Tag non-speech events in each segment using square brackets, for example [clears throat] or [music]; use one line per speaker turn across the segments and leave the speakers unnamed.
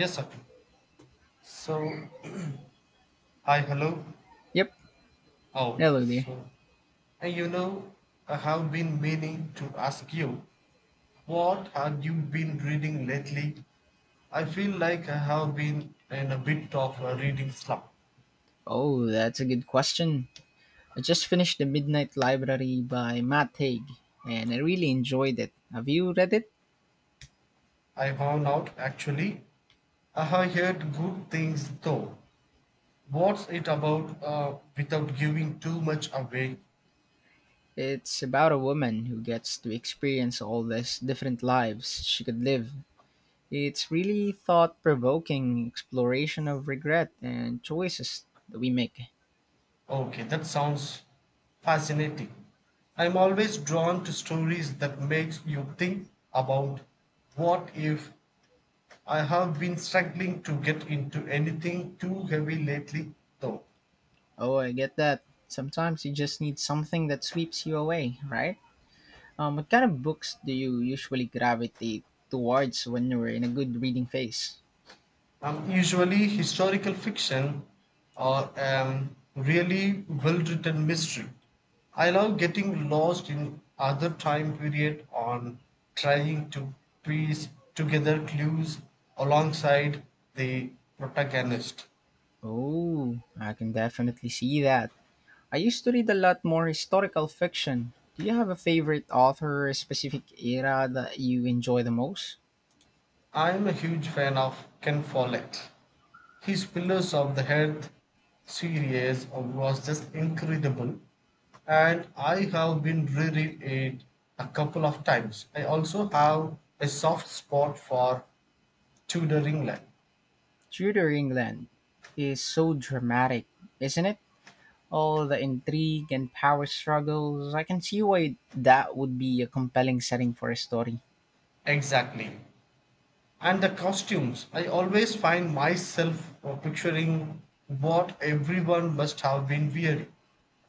Yes, sir. So, [clears throat] hi, hello.
Yep.
Oh,
Hello there.
so, uh, you know, I have been meaning to ask you, what have you been reading lately? I feel like I have been in a bit of a reading slump.
Oh, that's a good question. I just finished The Midnight Library by Matt Haig, and I really enjoyed it. Have you read it?
I found out actually. I have heard good things though. What's it about without giving too much away?
It's about a woman who gets to experience all these different lives she could live. It's really thought provoking exploration of regret and choices that we make.
Okay, that sounds fascinating. I'm always drawn to stories that make you think about what if. I have been struggling to get into anything too heavy lately, though.
Oh, I get that. Sometimes you just need something that sweeps you away, right? What kind of books do you usually gravitate towards when you're in a good reading phase?
Usually historical fiction or really well-written mystery. I love getting lost in other time period on trying to piece together clues alongside the protagonist.
Oh, I can definitely see that. I used to read a lot more historical fiction. Do you have a favorite author or specific era that you enjoy the most?
I am a huge fan of Ken Follett. His Pillars of the Earth series was just incredible, and I have been reread it a couple of times. I also have a soft spot for Tudor England.
Tudor England is so dramatic, isn't it? All the intrigue and power struggles. I can see why that would be a compelling setting for a story.
Exactly. And the costumes, I always find myself picturing what everyone must have been wearing.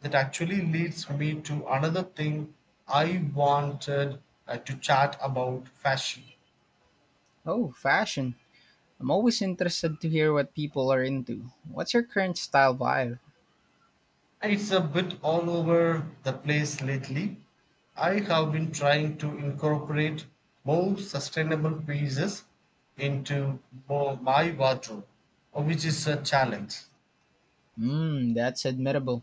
That actually leads me to another thing I wanted to chat about fashion.
Oh, fashion. I'm always interested to hear what people are into. What's your current style vibe?
It's a bit all over the place lately. I have been trying to incorporate more sustainable pieces into more my wardrobe, which is a challenge.
Mmm, that's admirable.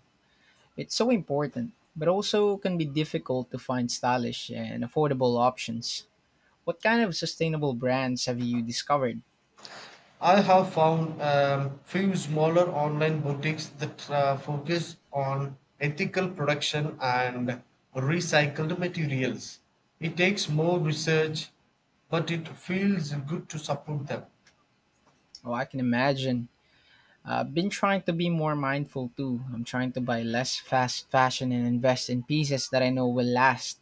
It's so important, but also can be difficult to find stylish and affordable options. What kind of sustainable brands have you discovered?
I have found few smaller online boutiques that focus on ethical production and recycled materials. It takes more research, but it feels good to support them.
Oh, I can imagine. I've been trying to be more mindful too. I'm trying to buy less fast fashion and invest in pieces that I know will last.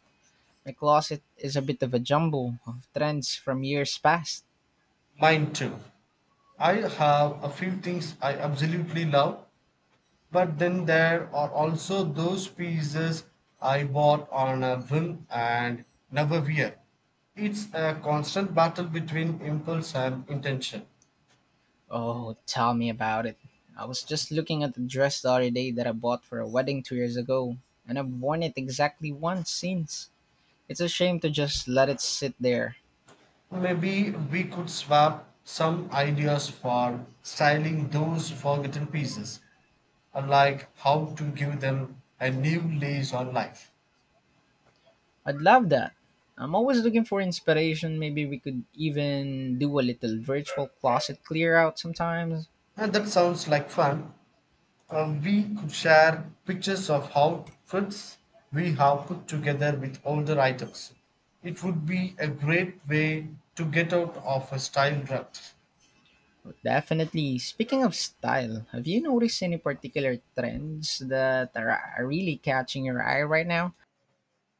My closet is a bit of a jumble of trends from years past.
Mine too. I have a few things I absolutely love, but then there are also those pieces I bought on a whim and never wear. It's a constant battle between impulse and intention.
Oh, tell me about it. I was just looking at the dress the other day that I bought for a wedding 2 years ago, and I've worn it exactly once since. It's a shame to just let it sit there.
Maybe we could swap some ideas for styling those forgotten pieces, like how to give them a new lease on life.
I'd love that. I'm always looking for inspiration. Maybe we could even do a little virtual closet clear out sometimes.
And that sounds like fun. We could share pictures of outfits we have put together with older items. It would be a great way to get out of a style rut.
Definitely. Speaking of style, have you noticed any particular trends that are really catching your eye right now?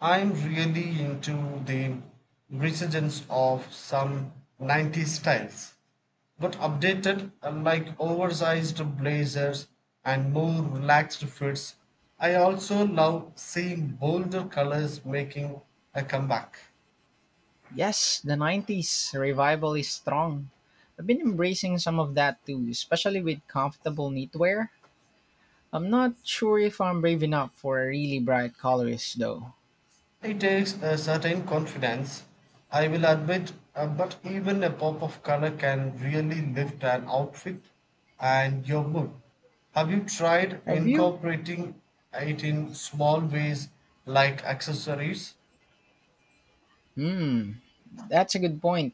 I'm really into the resurgence of some 90s styles, but updated like oversized blazers and more relaxed fits. I also love seeing bolder colors making a comeback.
Yes, the 90s revival is strong. I've been embracing some of that too, especially with comfortable knitwear. I'm not sure if I'm brave enough for really bright colors though.
It takes a certain confidence, I will admit, but even a pop of color can really lift an outfit and your mood. Have you tried
Have you?
incorporating it in small ways like accessories?
Hmm, that's a good point.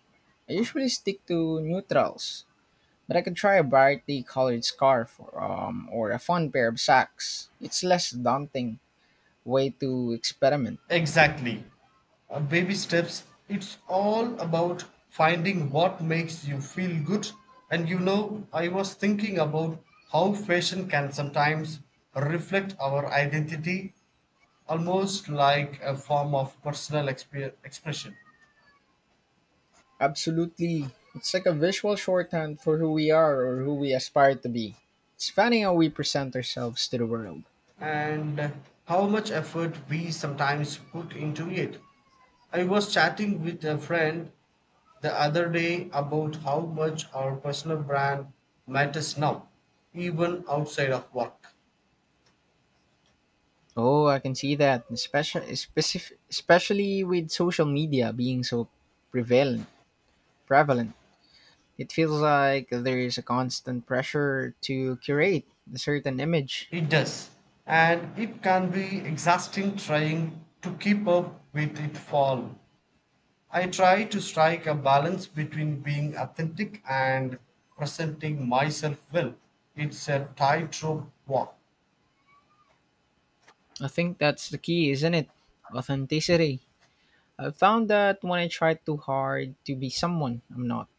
I usually stick to neutrals, but I could try a brightly colored scarf or, or a fun pair of socks. It's less daunting way to experiment.
Exactly. Baby steps. It's all about finding what makes you feel good. And you know, I was thinking about how fashion can sometimes reflect our identity almost like a form of personal expression.
Absolutely. It's like a visual shorthand for who we are or who we aspire to be. It's funny how we present ourselves to the world.
And how much effort we sometimes put into it. I was chatting with a friend the other day about how much our personal brand matters now, even outside of work.
Oh, I can see that, especially with social media being so prevalent. Prevalent. It feels like there is a constant pressure to curate a certain image.
It does, and it can be exhausting trying to keep up with it all. I try to strike a balance between being authentic and presenting myself well. It's a tightrope walk.
I think that's the key, isn't it? Authenticity. I've found that when I try too hard to be someone I'm not,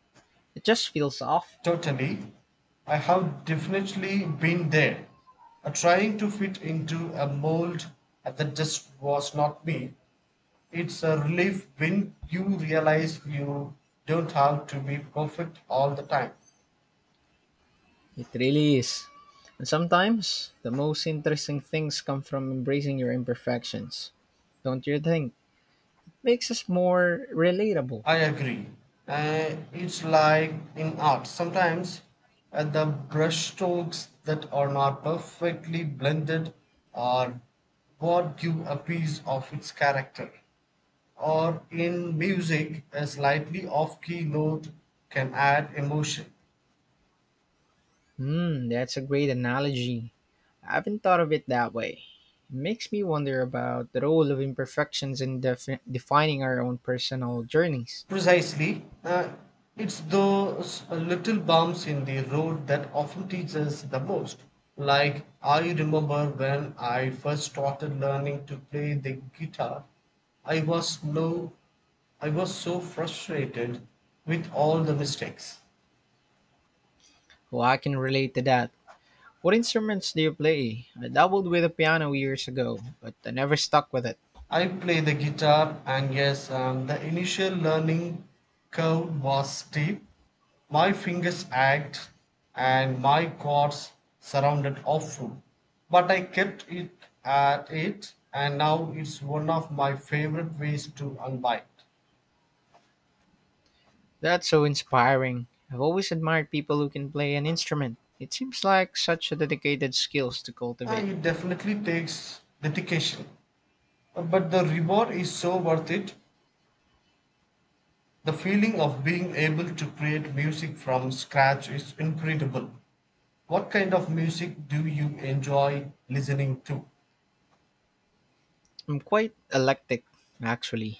it just feels off.
Totally. I have definitely been there. Trying to fit into a mold that just was not me. It's a relief when you realize you don't have to be perfect all the time.
It really is. And sometimes the most interesting things come from embracing your imperfections. Don't you think? Makes us more relatable.
I agree. It's like in art. Sometimes the brushstrokes that are not perfectly blended are what give a piece of its character. Or in music, a slightly off key note can add emotion.
Hmm, that's a great analogy. I haven't thought of it that way. It makes me wonder about the role of imperfections in defining our own personal journeys.
Precisely, it's those little bumps in the road that often teach us the most. Like, I remember when I first started learning to play the guitar, I was no I was so frustrated with all the mistakes.
Well, I can relate to that. What instruments do you play? I dabbled with the piano years ago, but I never stuck with it.
I play the guitar, and yes, the initial learning curve was steep. My fingers ached, and my chords surrounded awful. But I kept it at it, and now it's one of my favorite ways to unwind.
That's so inspiring. I've always admired people who can play an instrument. It seems like such a dedicated skills to cultivate.
It definitely takes dedication, but the reward is so worth it. The feeling of being able to create music from scratch is incredible. What kind of music do you enjoy listening to?
I'm quite eclectic, actually.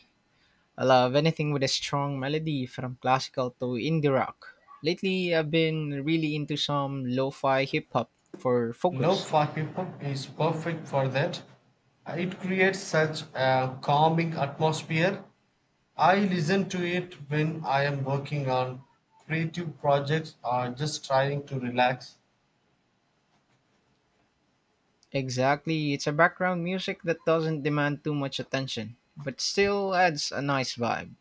I love anything with a strong melody from classical to indie rock. Lately, I've been really into some lo fi hip hop for focus.
Lo-fi hip hop is perfect for that. It creates such a calming atmosphere. I listen to it when I am working on creative projects or just trying to relax.
Exactly, it's a background music that doesn't demand too much attention, but still adds a nice vibe.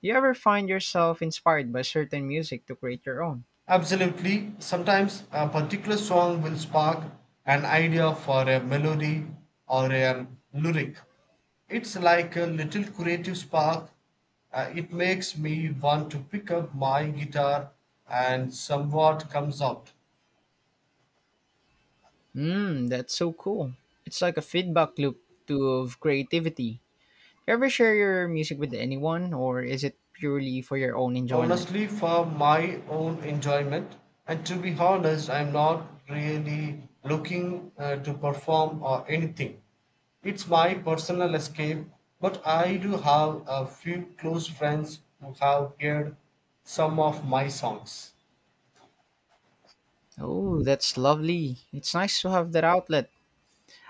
You ever find yourself inspired by certain music to create your own?
Absolutely. Sometimes a particular song will spark an idea for a melody or a lyric. It's like a little creative spark. It makes me want to pick up my guitar and somewhat comes out.
Hmm, that's so cool. It's like a feedback loop to of creativity. You ever share your music with anyone, or is it purely for your own enjoyment?
Honestly for my own enjoyment, and to be honest I'm not really looking to perform or anything. It's my personal escape, but I do have a few close friends who have heard some of my songs.
Oh, that's lovely. It's nice to have that outlet.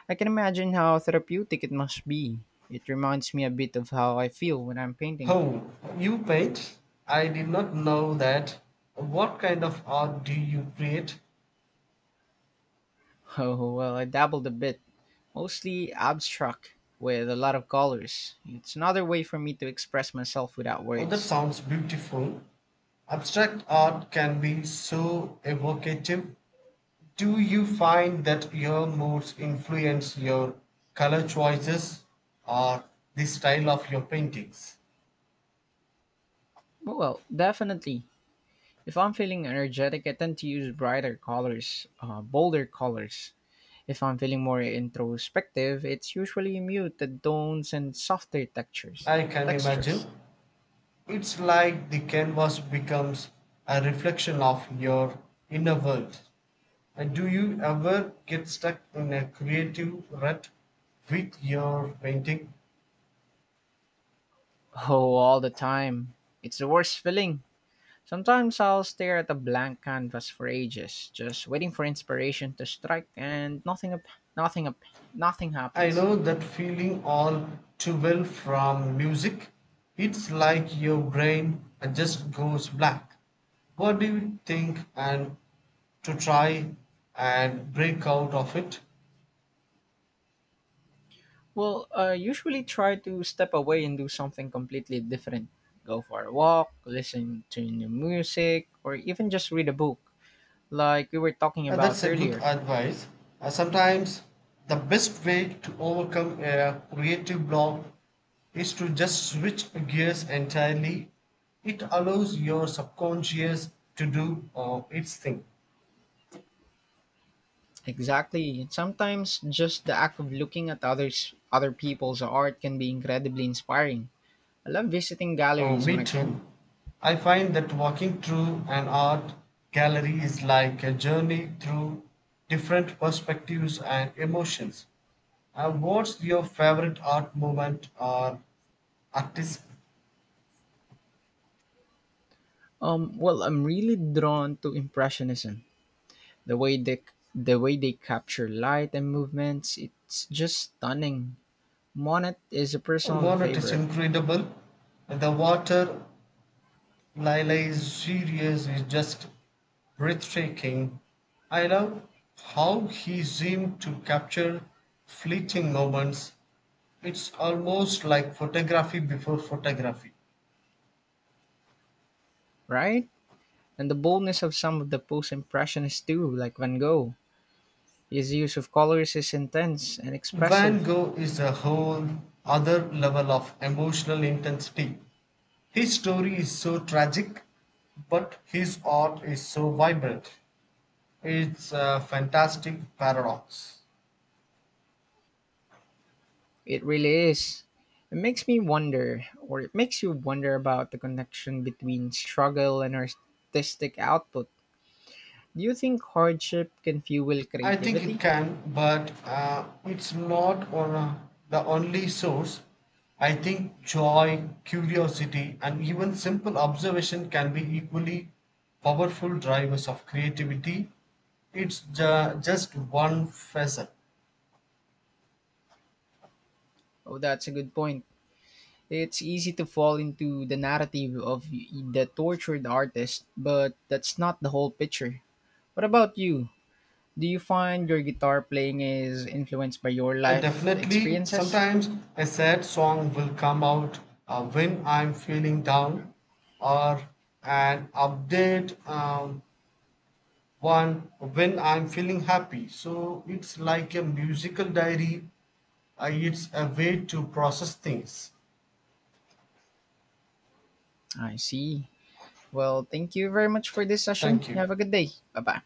I can imagine how therapeutic it must be. It reminds me a bit of how I feel when I'm painting.
Oh, you paint. I did not know that. What kind of art do you create?
[laughs] Oh, well, I dabbled a bit, mostly abstract, with a lot of colors. It's another way for me to express myself without
Oh, that
words.
sounds beautiful. Abstract art can be so evocative. Do you find that your moods influence your color choices or the style of your paintings?
Oh, well, definitely. If I'm feeling energetic, I tend to use brighter colors, bolder colors. If I'm feeling more introspective, it's usually muted tones and softer textures.
I can
Textures.
imagine. It's like the canvas becomes a reflection of your inner world. And do you ever get stuck in a creative rut with your painting?
Oh, all the time. It's the worst feeling. Sometimes I'll stare at a blank canvas for ages, just waiting for inspiration to strike, and nothing up, nothing
I
happens.
know that feeling all too well from music. It's like your brain just goes black. What do you think and to try and break out of it?
Well, I usually try to step away and do something completely different. Go for a walk, listen to new music, or even just read a book, like we were talking
Now,
about
that's a good
earlier.
advice. Sometimes the best way to overcome a creative block is to just switch gears entirely. It allows your subconscious to do its thing.
Exactly. Sometimes just the act of other people's art can be incredibly inspiring. I love visiting
Oh,
galleries
me
when I can.
too. I find that walking through an art gallery is like a journey through different perspectives and emotions. What's your favorite art movement or artist?
Well, I'm really drawn to impressionism. The way they the way they capture light and movements, it's just stunning. Monet is a personal
Monet is
favorite,
incredible. The water lilies series is just breathtaking. I love how he seemed to capture fleeting moments. It's almost like photography before photography.
right? And the boldness of some of the post-impressionists too, like Van Gogh. His use of colors is intense and
Van
expressive.
Gogh is a whole other level of emotional intensity. His story is so tragic, but his art is so vibrant. It's a fantastic paradox.
It really is. It makes me wonder, or it makes you wonder about the connection between struggle and artistic output. Do you think hardship can fuel
I think it
creativity?
can, but it's not on the only source. I think joy, curiosity, and even simple observation can be equally powerful drivers of creativity. It's just one facet.
Oh, that's a good point. It's easy to fall into the narrative of the tortured artist, but that's not the whole picture. What about you? Do you find your guitar playing is influenced by your
And
life
definitely,
experiences?
sometimes a sad song will come out when I'm feeling down, or an update one when I'm feeling happy. So it's like a musical diary. It's a way to process things.
I see. Well, thank you very much for this session.
Thank
You
you.
have a good day. Bye bye.